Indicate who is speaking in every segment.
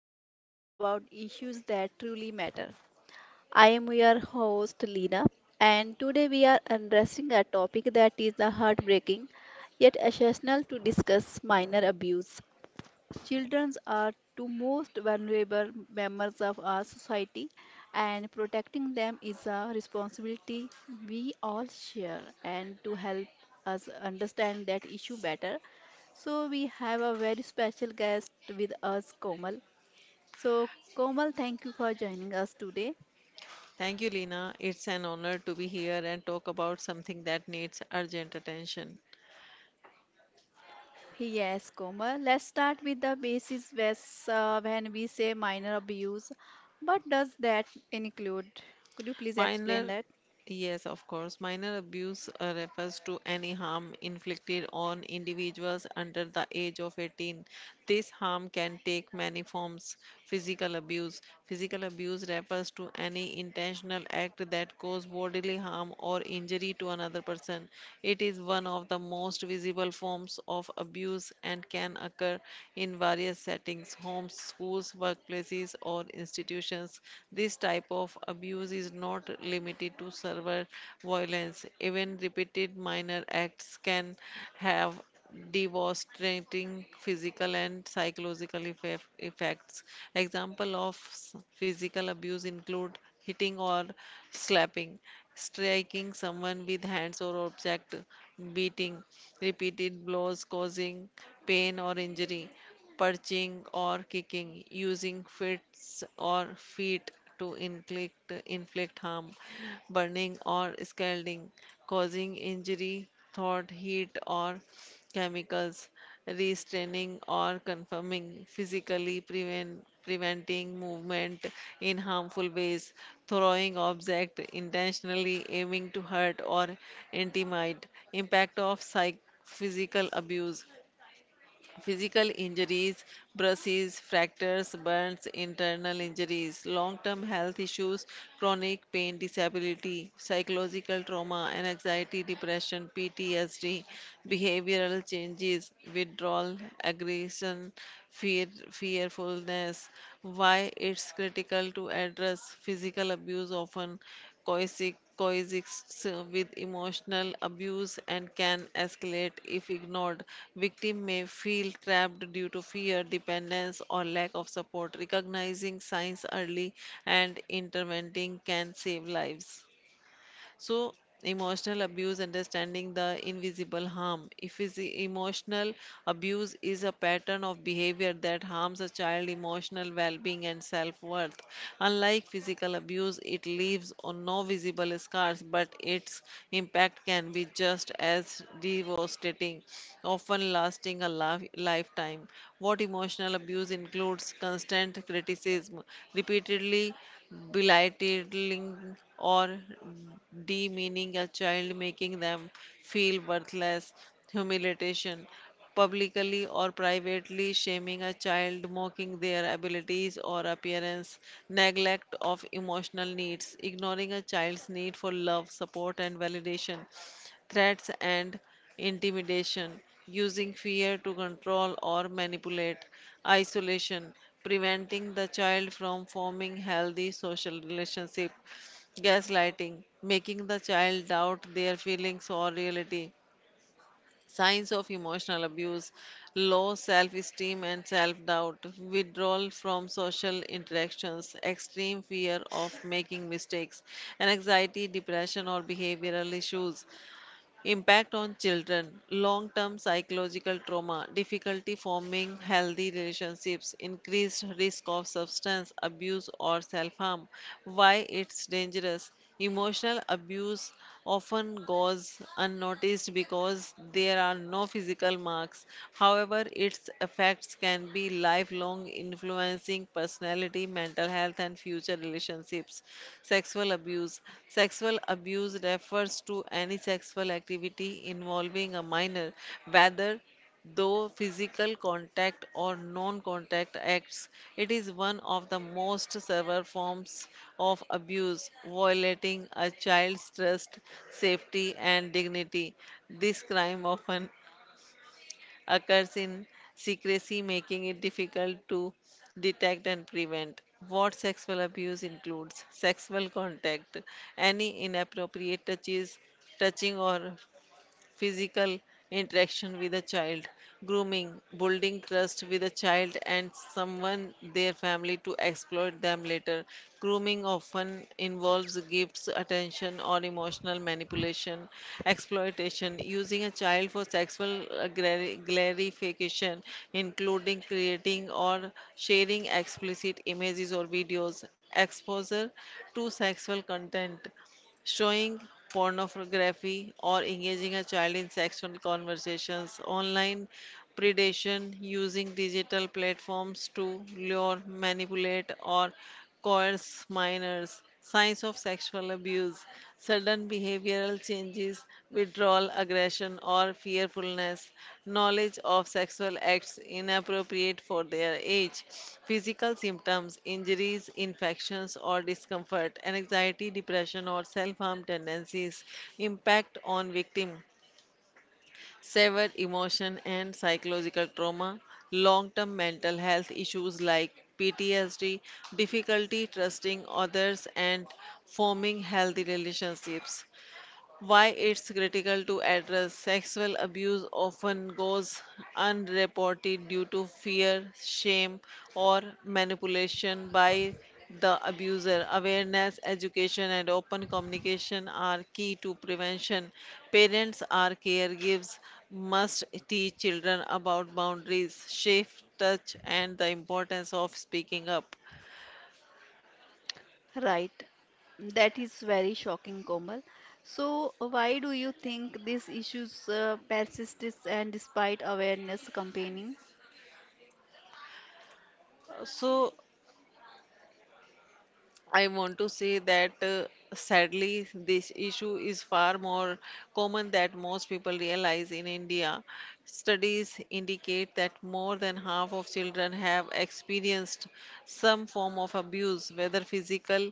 Speaker 1: where we talk about issues that truly matter. I am your host Lina, and today we are addressing a topic that is the heartbreaking yet essential to discuss minor abuse. Children are the most vulnerable members of our society, and protecting them is a responsibility we all share. And to help us understand that issue better, we have a very special guest with us, Komal. So, Komal, thank you for joining us today.
Speaker 2: Thank you, Lina. It's an honor to be here and talk about something that needs urgent attention.
Speaker 1: Yes, Komal. Let's start with the basis when we say minor abuse. What does that include? Could you please explain
Speaker 2: Minor,
Speaker 1: that?
Speaker 2: yes, of course, minor abuse refers to any harm inflicted on individuals under the age of 18. This harm can take many forms. Physical abuse. Physical abuse refers to any intentional act that cause bodily harm or injury to another person. It is one of the most visible forms of abuse and can occur in various settings, homes, schools, workplaces, or institutions. This type of abuse is not limited to server violence. Even repeated minor acts can have devastating physical and psychological effects. Example of physical abuse include hitting or slapping, striking someone with hands or object, beating, repeated blows causing pain or injury, perching or kicking, using fists or feet to inflict harm, burning or scalding, causing injury, thought, heat, or chemicals, restraining or confirming, physically preventing movement in harmful ways, throwing object intentionally aiming to hurt or intimidate. Impact of psych physical abuse: physical injuries, bruises, fractures, burns, internal injuries, long term health issues, chronic pain, disability, psychological trauma, and anxiety, depression, PTSD, behavioral changes, withdrawal, aggression, fearfulness. Why it's critical to address physical abuse: often coercive coexists with emotional abuse and can escalate if ignored. Victim may feel trapped due to fear, dependence, or lack of support. Recognizing signs early and intervening can save lives. So, emotional abuse, understanding the invisible harm. If is emotional abuse is a pattern of behavior that harms a child emotional well-being and self-worth. Unlike physical abuse, it leaves on no visible scars, but its impact can be just as devastating, often lasting a lifetime. What emotional abuse includes: constant criticism, repeatedly belittling or demeaning a child, making them feel worthless, humiliation, publicly or privately shaming a child, mocking their abilities or appearance, neglect of emotional needs, ignoring a child's need for love, support, and validation, threats and intimidation, using fear to control or manipulate, isolation, preventing the child from forming healthy social relationship, gaslighting, making the child doubt their feelings or reality. Signs of emotional abuse: low self esteem and self doubt, withdrawal from social interactions, extreme fear of making mistakes, and anxiety, depression, or behavioral issues. Impact on children: long term psychological trauma, difficulty forming healthy relationships, increased risk of substance abuse or self harm. Why it's dangerous? Emotional abuse often goes unnoticed because there are no physical marks. However, its effects can be lifelong, influencing personality, mental health, and future relationships. Sexual abuse. Sexual abuse refers to any sexual activity involving a minor, whether though physical contact or non-contact acts. It is one of the most severe forms of abuse, violating a child's trust, safety, and dignity. This crime often occurs in secrecy, making it difficult to detect and prevent. What sexual abuse includes: sexual contact, any inappropriate touches, touching or physical interaction with a child, grooming, building trust with a child and someone their family to exploit them later. Grooming often involves gifts, attention, or emotional manipulation, exploitation, using a child for sexual glorification, including creating or sharing explicit images or videos, exposure to sexual content, showing pornography or engaging a child in sexual conversations, online predation, using digital platforms to lure, manipulate, or coerce minors. Signs of sexual abuse: sudden behavioral changes, withdrawal, aggression, or fearfulness, knowledge of sexual acts inappropriate for their age, physical symptoms, injuries, infections, or discomfort, anxiety, depression, or self harm tendencies. Impact on victim: severe emotion and psychological trauma, long term mental health issues like PTSD, difficulty trusting others, and forming healthy relationships. Why it's critical to address sexual abuse: often goes unreported due to fear, shame, or manipulation by the abuser. Awareness, education, and open communication are key to prevention. Parents or caregivers must teach children about boundaries, safe touch, and the importance of speaking up.
Speaker 1: Right. That is very shocking, Komal. So, why do you think these issues persist is- and despite awareness campaigning?
Speaker 2: So, I want to say that sadly, this issue is far more common than most people realize in India. Studies indicate that more than half of children have experienced some form of abuse, whether physical,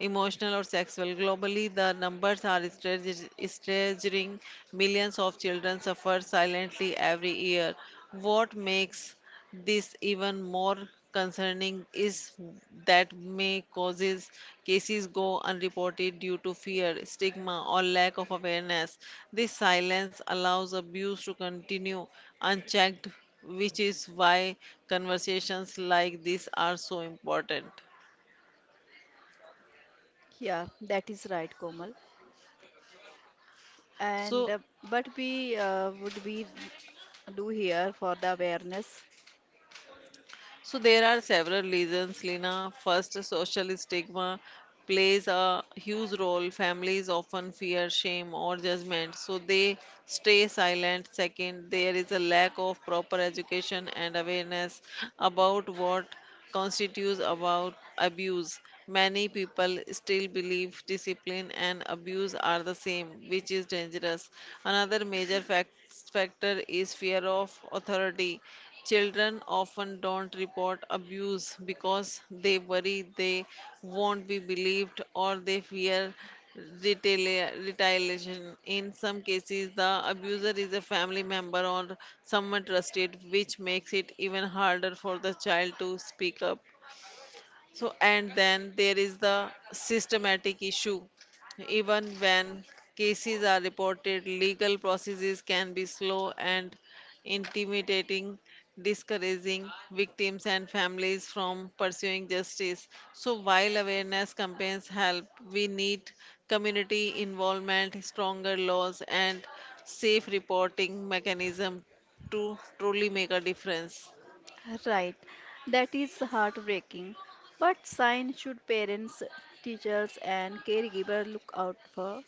Speaker 2: emotional, or sexual. Globally, the numbers are staggering. Millions of children suffer silently every year. What makes this even more concerning is that may causes cases go unreported due to fear, stigma, or lack of awareness. This silence allows abuse to continue unchecked, which is why conversations like this are so important.
Speaker 1: Yeah, that is right, Komal. And
Speaker 2: So,
Speaker 1: but we would we do here for the awareness?
Speaker 2: So there are several reasons, Lina. First, social stigma plays a huge role. Families often fear shame or judgment, so they stay silent. Second, there is a lack of proper education and awareness about what constitutes about abuse. Many people still believe discipline and abuse are the same, which is dangerous. Another major fact Sixth factor is fear of authority. Children often don't report abuse because they worry they won't be believed or they fear retaliation. In some cases, the abuser is a family member or someone trusted, which makes it even harder for the child to speak up. So, and then there is the systematic issue. Even when cases are reported, legal processes can be slow and intimidating, discouraging victims and families from pursuing justice. So while awareness campaigns help, we need community involvement, stronger laws, and safe reporting mechanism to truly make a difference.
Speaker 1: Right. That is heartbreaking. But signs should parents, teachers, and caregiver look out for?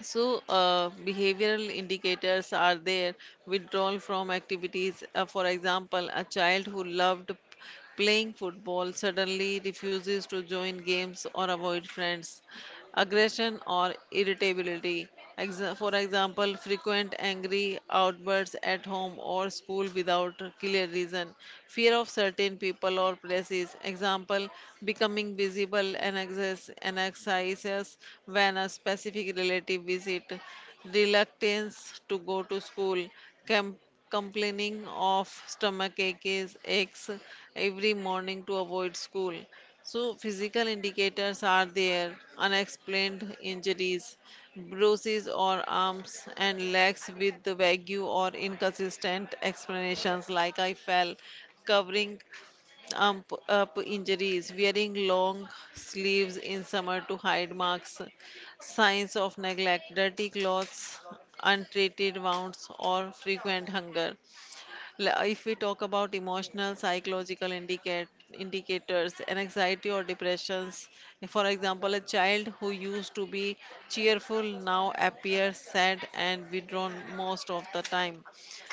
Speaker 2: So, behavioral indicators are there: withdrawal from activities. For example, a child who loved playing football suddenly refuses to join games or avoid friends. Aggression or irritability. For example, frequent angry outbursts at home or school without a clear reason. Fear of certain people or places. Example, becoming visible and anxious when a specific relative visit. Reluctance to go to school, com- complaining of stomach aches every morning to avoid school. So, physical indicators are there: unexplained injuries, bruises or arms and legs with the vague or inconsistent explanations like I fell, covering up injuries, wearing long sleeves in summer to hide marks, signs of neglect, dirty clothes, untreated wounds, or frequent hunger. If we talk about emotional, psychological indicators and anxiety or depressions, for example, a child who used to be cheerful now appears sad and withdrawn most of the time.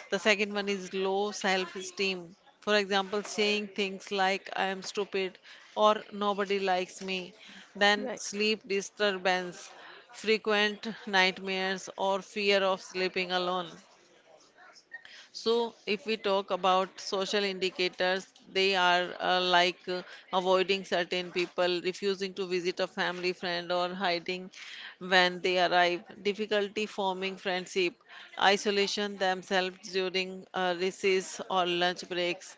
Speaker 2: The second one is low self esteem. For example, saying things like I am stupid or nobody likes me. Then
Speaker 1: Right.
Speaker 2: sleep disturbance, frequent nightmares, or fear of sleeping alone. So, if we talk about social indicators, they are avoiding certain people, refusing to visit a family friend, or hiding when they arrive, difficulty forming friendship, isolation themselves during recess or lunch breaks,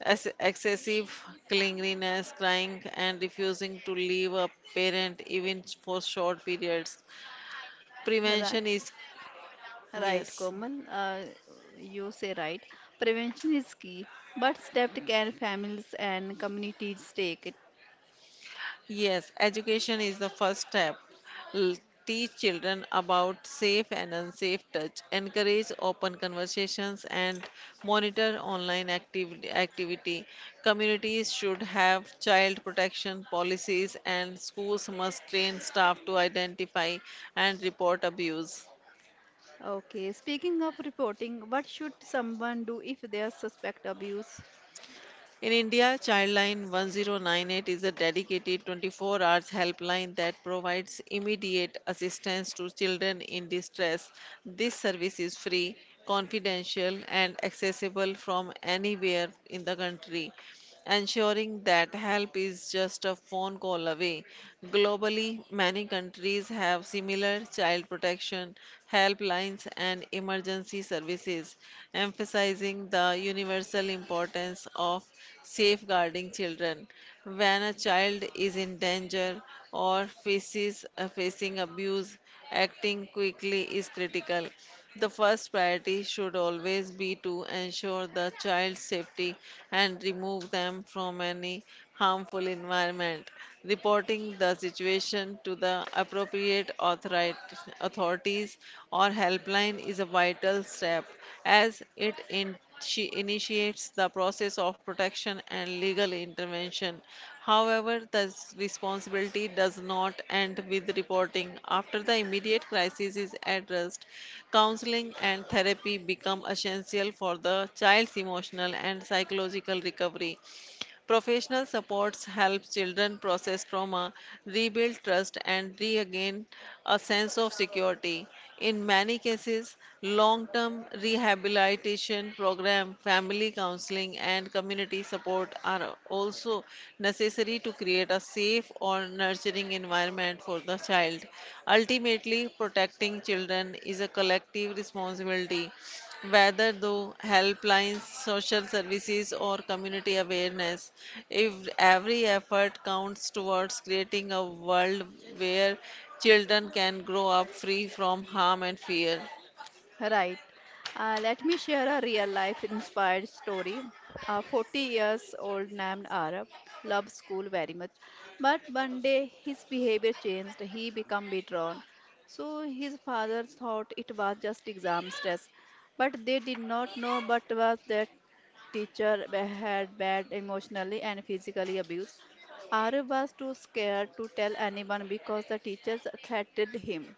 Speaker 2: excessive clinginess, crying, and refusing to leave a parent even for short periods.
Speaker 1: Right.
Speaker 2: Prevention is
Speaker 1: Right,
Speaker 2: yes.
Speaker 1: Komal, you say right. Prevention is key, but steps can families and communities take it?
Speaker 2: Yes, education is the first step. L- Teach children about safe and unsafe touch, encourage open conversations, and monitor online activity. Communities should have child protection policies, and schools must train staff to identify and report abuse.
Speaker 1: Okay, speaking of reporting, what should someone do if they suspect abuse?
Speaker 2: In India, Childline 1098 is a dedicated 24 hours helpline that provides immediate assistance to children in distress. This service is free, confidential, and accessible from anywhere in the country, ensuring that help is just a phone call away. Globally, many countries have similar child protection helplines and emergency services, emphasizing the universal importance of safeguarding children. When a child is in danger or faces facing abuse, acting quickly is critical. The first priority should always be to ensure the child's safety and remove them from any harmful environment. Reporting the situation to the appropriate authorities or helpline is a vital step, as she initiates the process of protection and legal intervention. However, the responsibility does not end with reporting. After the immediate crisis is addressed, counseling and therapy become essential for the child's emotional and psychological recovery. Professional supports help children process trauma, rebuild trust, and regain a sense of security. In many cases, long term rehabilitation program, family counseling, and community support are also necessary to create a safe or nurturing environment for the child. Ultimately, protecting children is a collective responsibility, whether through helplines, social services, or community awareness. If every effort counts towards creating a world where children can grow up free from harm and fear.
Speaker 1: Right. Let me share a real life inspired story. A 40 years old named Arab loved school very much, but one day his behavior changed. He became withdrawn. So his father thought it was just exam stress, but they did not know but was that teacher had bad emotionally and physically abuse. Arab was too scared to tell anyone because the teachers threatened him.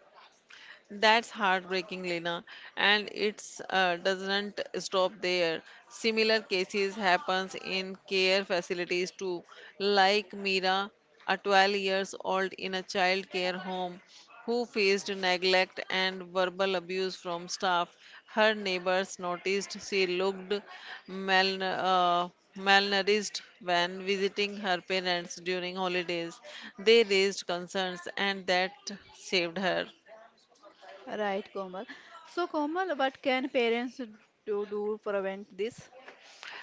Speaker 2: That's heartbreaking, Lena, and it's doesn't stop there. Similar cases happens in care facilities too, like Mira, a 12 years old in a child care home who faced neglect and verbal abuse from staff. Her neighbors noticed she looked mal uh, malnourished when visiting her parents during holidays. They raised concerns and that saved her.
Speaker 1: Right, Komal. So, Komal, what can parents do to prevent this?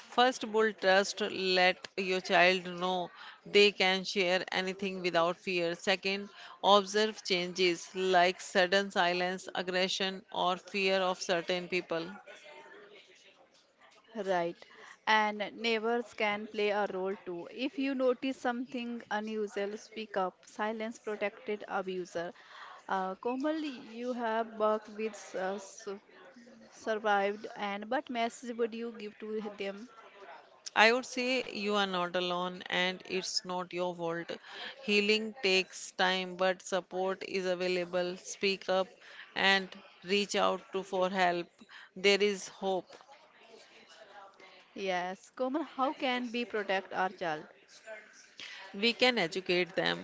Speaker 2: First, build trust. Let your child know they can share anything without fear. Second, observe changes like sudden silence, aggression, or fear of certain people.
Speaker 1: Right. And neighbors can play a role too. If you notice something unusual, speak up. Silence protected abuser. Komal, you have worked with survived, and what message would you give to them?
Speaker 2: I would say you are not alone and it's not your fault. Healing takes time, but support is available. Speak up and reach out to for help. There is hope.
Speaker 1: Yes, Komal, how can we protect our child?
Speaker 2: We can educate them.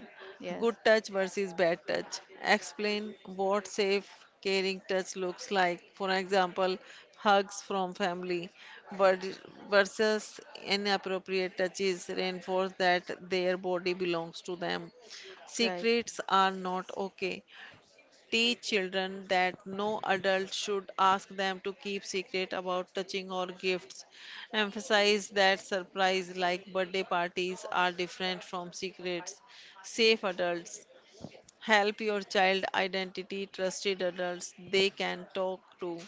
Speaker 2: Good
Speaker 1: Yes,
Speaker 2: touch versus bad touch. Explain what safe, caring touch looks like. For example, hugs from family but versus inappropriate touches. Reinforce that their body belongs to them.
Speaker 1: right,
Speaker 2: Secrets are not okay. Teach children that no adult should ask them to keep secret about touching or gifts. Emphasize that surprise like birthday parties are different from secrets. Safe adults. Help your child identity trusted adults they can talk to.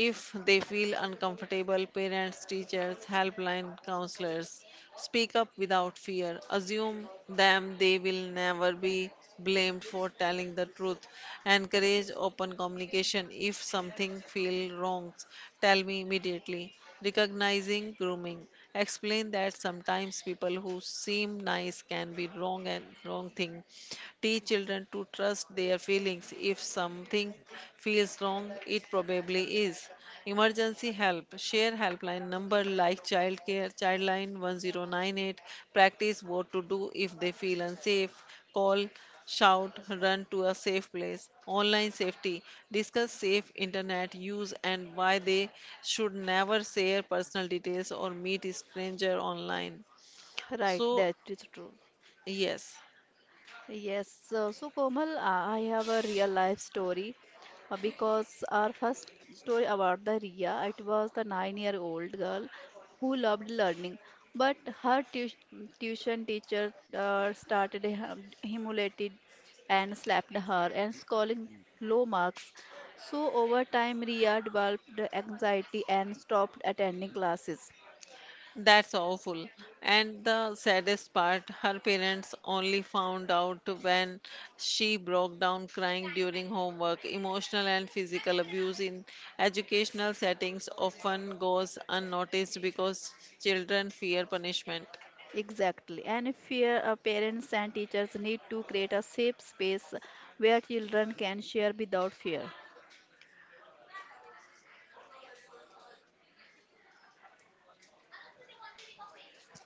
Speaker 2: If they feel uncomfortable, parents, teachers, helpline counselors, speak up without fear. Assume them they will never be blamed for telling the truth. Encourage open communication. If something feels wrong, tell me immediately. Recognizing grooming. Explain that sometimes people who seem nice can be wrong and wrong thing. Teach children to trust their feelings. If something feels wrong, it probably is. Emergency help. Share helpline number like childcare, childline 1098. Practice what to do if they feel unsafe. Call, shout, run to a safe place. Online safety. Discuss safe internet use and why they should never share personal details or meet a stranger online.
Speaker 1: right.
Speaker 2: So,
Speaker 1: That is true.
Speaker 2: yes.
Speaker 1: Yes, so Komal, I have a real life story because our first story about the Ria, it was the 9 year old girl who loved learning, but her tu tuition teacher started humiliated and slapped her and scoring low marks. So over time, Ria developed anxiety and stopped attending classes.
Speaker 2: That's awful. And the saddest part, her parents only found out when she broke down crying during homework. Emotional and physical abuse in educational settings often goes unnoticed because children fear punishment.
Speaker 1: Exactly. And if fear, parents and teachers need to create a safe space where children can share without fear.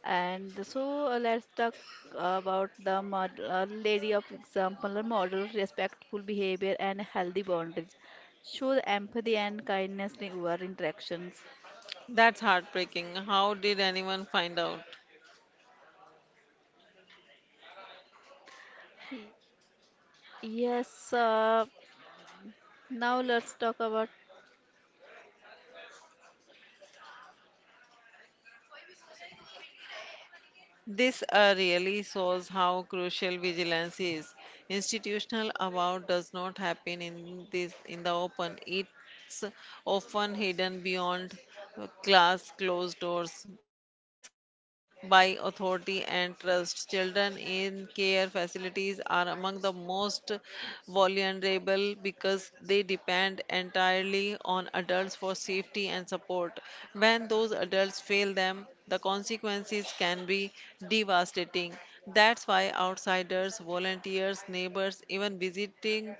Speaker 1: And so let's talk about the lady of example, a model respectful behavior and healthy boundaries. Show the empathy and kindness in your interactions.
Speaker 2: That's heartbreaking. How did anyone find out?
Speaker 1: Y- Yes, now let's talk about.
Speaker 2: This really shows how crucial vigilance is. Institutional abuse does not happen in this in the open. It's often hidden behind class closed doors, masked by authority and trust. Children in care facilities are among the most vulnerable because they depend entirely on adults for safety and support. When those adults fail them, the consequences can be devastating. That's why outsiders, volunteers, neighbors, even visiting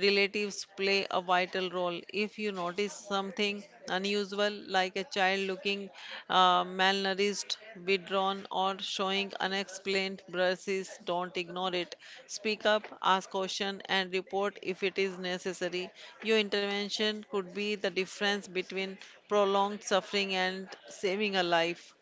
Speaker 2: relatives play a vital role. If you notice something unusual, like a child looking malnourished, withdrawn, or showing unexplained bruises, don't ignore it. Speak up, ask questions, and report if it is necessary. Your intervention could be the difference between prolonged suffering and saving a life.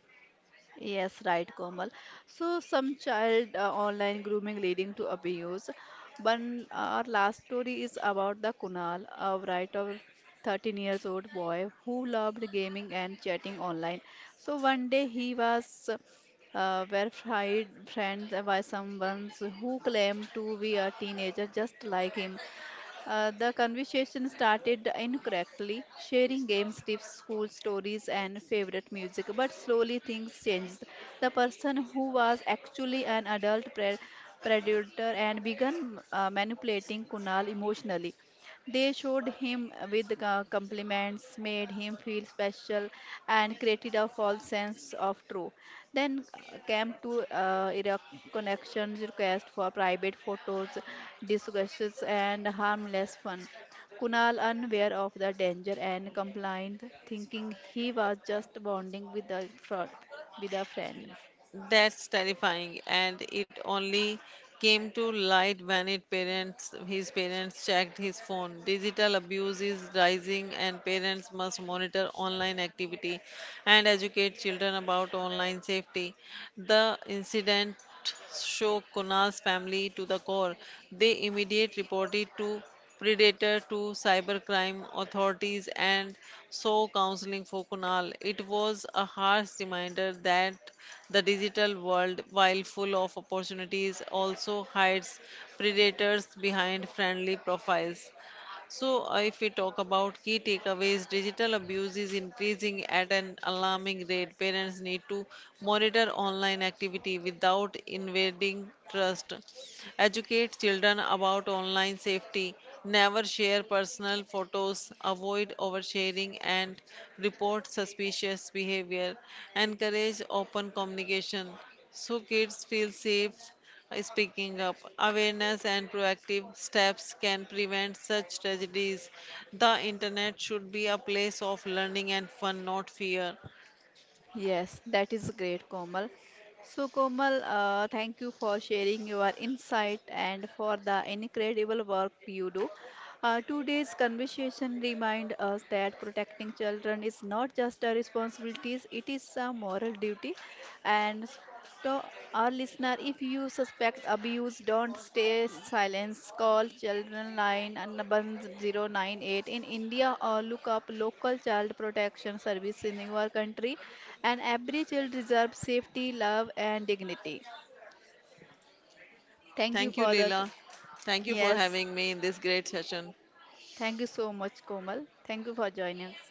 Speaker 1: Yes, right, Komal. So some child online grooming leading to abuse. One our last story is about the Kunal, a right of 13 years old boy who loved gaming and chatting online. So one day he was verified friends by someone who claimed to be a teenager just like him. The conversation started incorrectly, sharing games, tips, school stories, and favorite music. But slowly things changed. The person who was actually an adult predator and began manipulating Kunal emotionally. They showed him with compliments, made him feel special, and created a false sense of true. Then came to Iraq connections request for private photos, discussions, and harmless fun. Kunal, unaware of the danger and compliant, thinking he was just bonding with a with a friend.
Speaker 2: That's terrifying, and it only came to light when his parents checked his phone. Digital abuse is rising, and parents must monitor online activity and educate children about online safety. The incident shook Kunal's family to the core. They immediately reported to predator to cybercrime authorities and so counseling for kunal. It was a harsh reminder that the digital world, while full of opportunities, also hides predators behind friendly profiles. So, if we talk about key takeaways, digital abuse is increasing at an alarming rate. Parents need to monitor online activity without invading trust. Educate children about online safety. Never share personal photos. Avoid oversharing and report suspicious behavior. Encourage open communication so kids feel safe speaking up. Awareness and proactive steps can prevent such tragedies. The internet should be a place of learning and fun, not fear.
Speaker 1: Yes, that is great, Komal. So, Komal, thank you for sharing your insight and for the incredible work you do. Today's conversation remind us that protecting children is not just a responsibility; it is a moral duty. And to our listener, if you suspect abuse, don't stay silent. Call Children Line and number 098 in India or look up local child protection service in your country and every child deserves safety, love, and dignity. Thank you
Speaker 2: Thank you,
Speaker 1: for that.
Speaker 2: Leela. Thank you for
Speaker 1: Yes,
Speaker 2: having me in this great session.
Speaker 1: thank you so much, Komal. Thank you for joining us.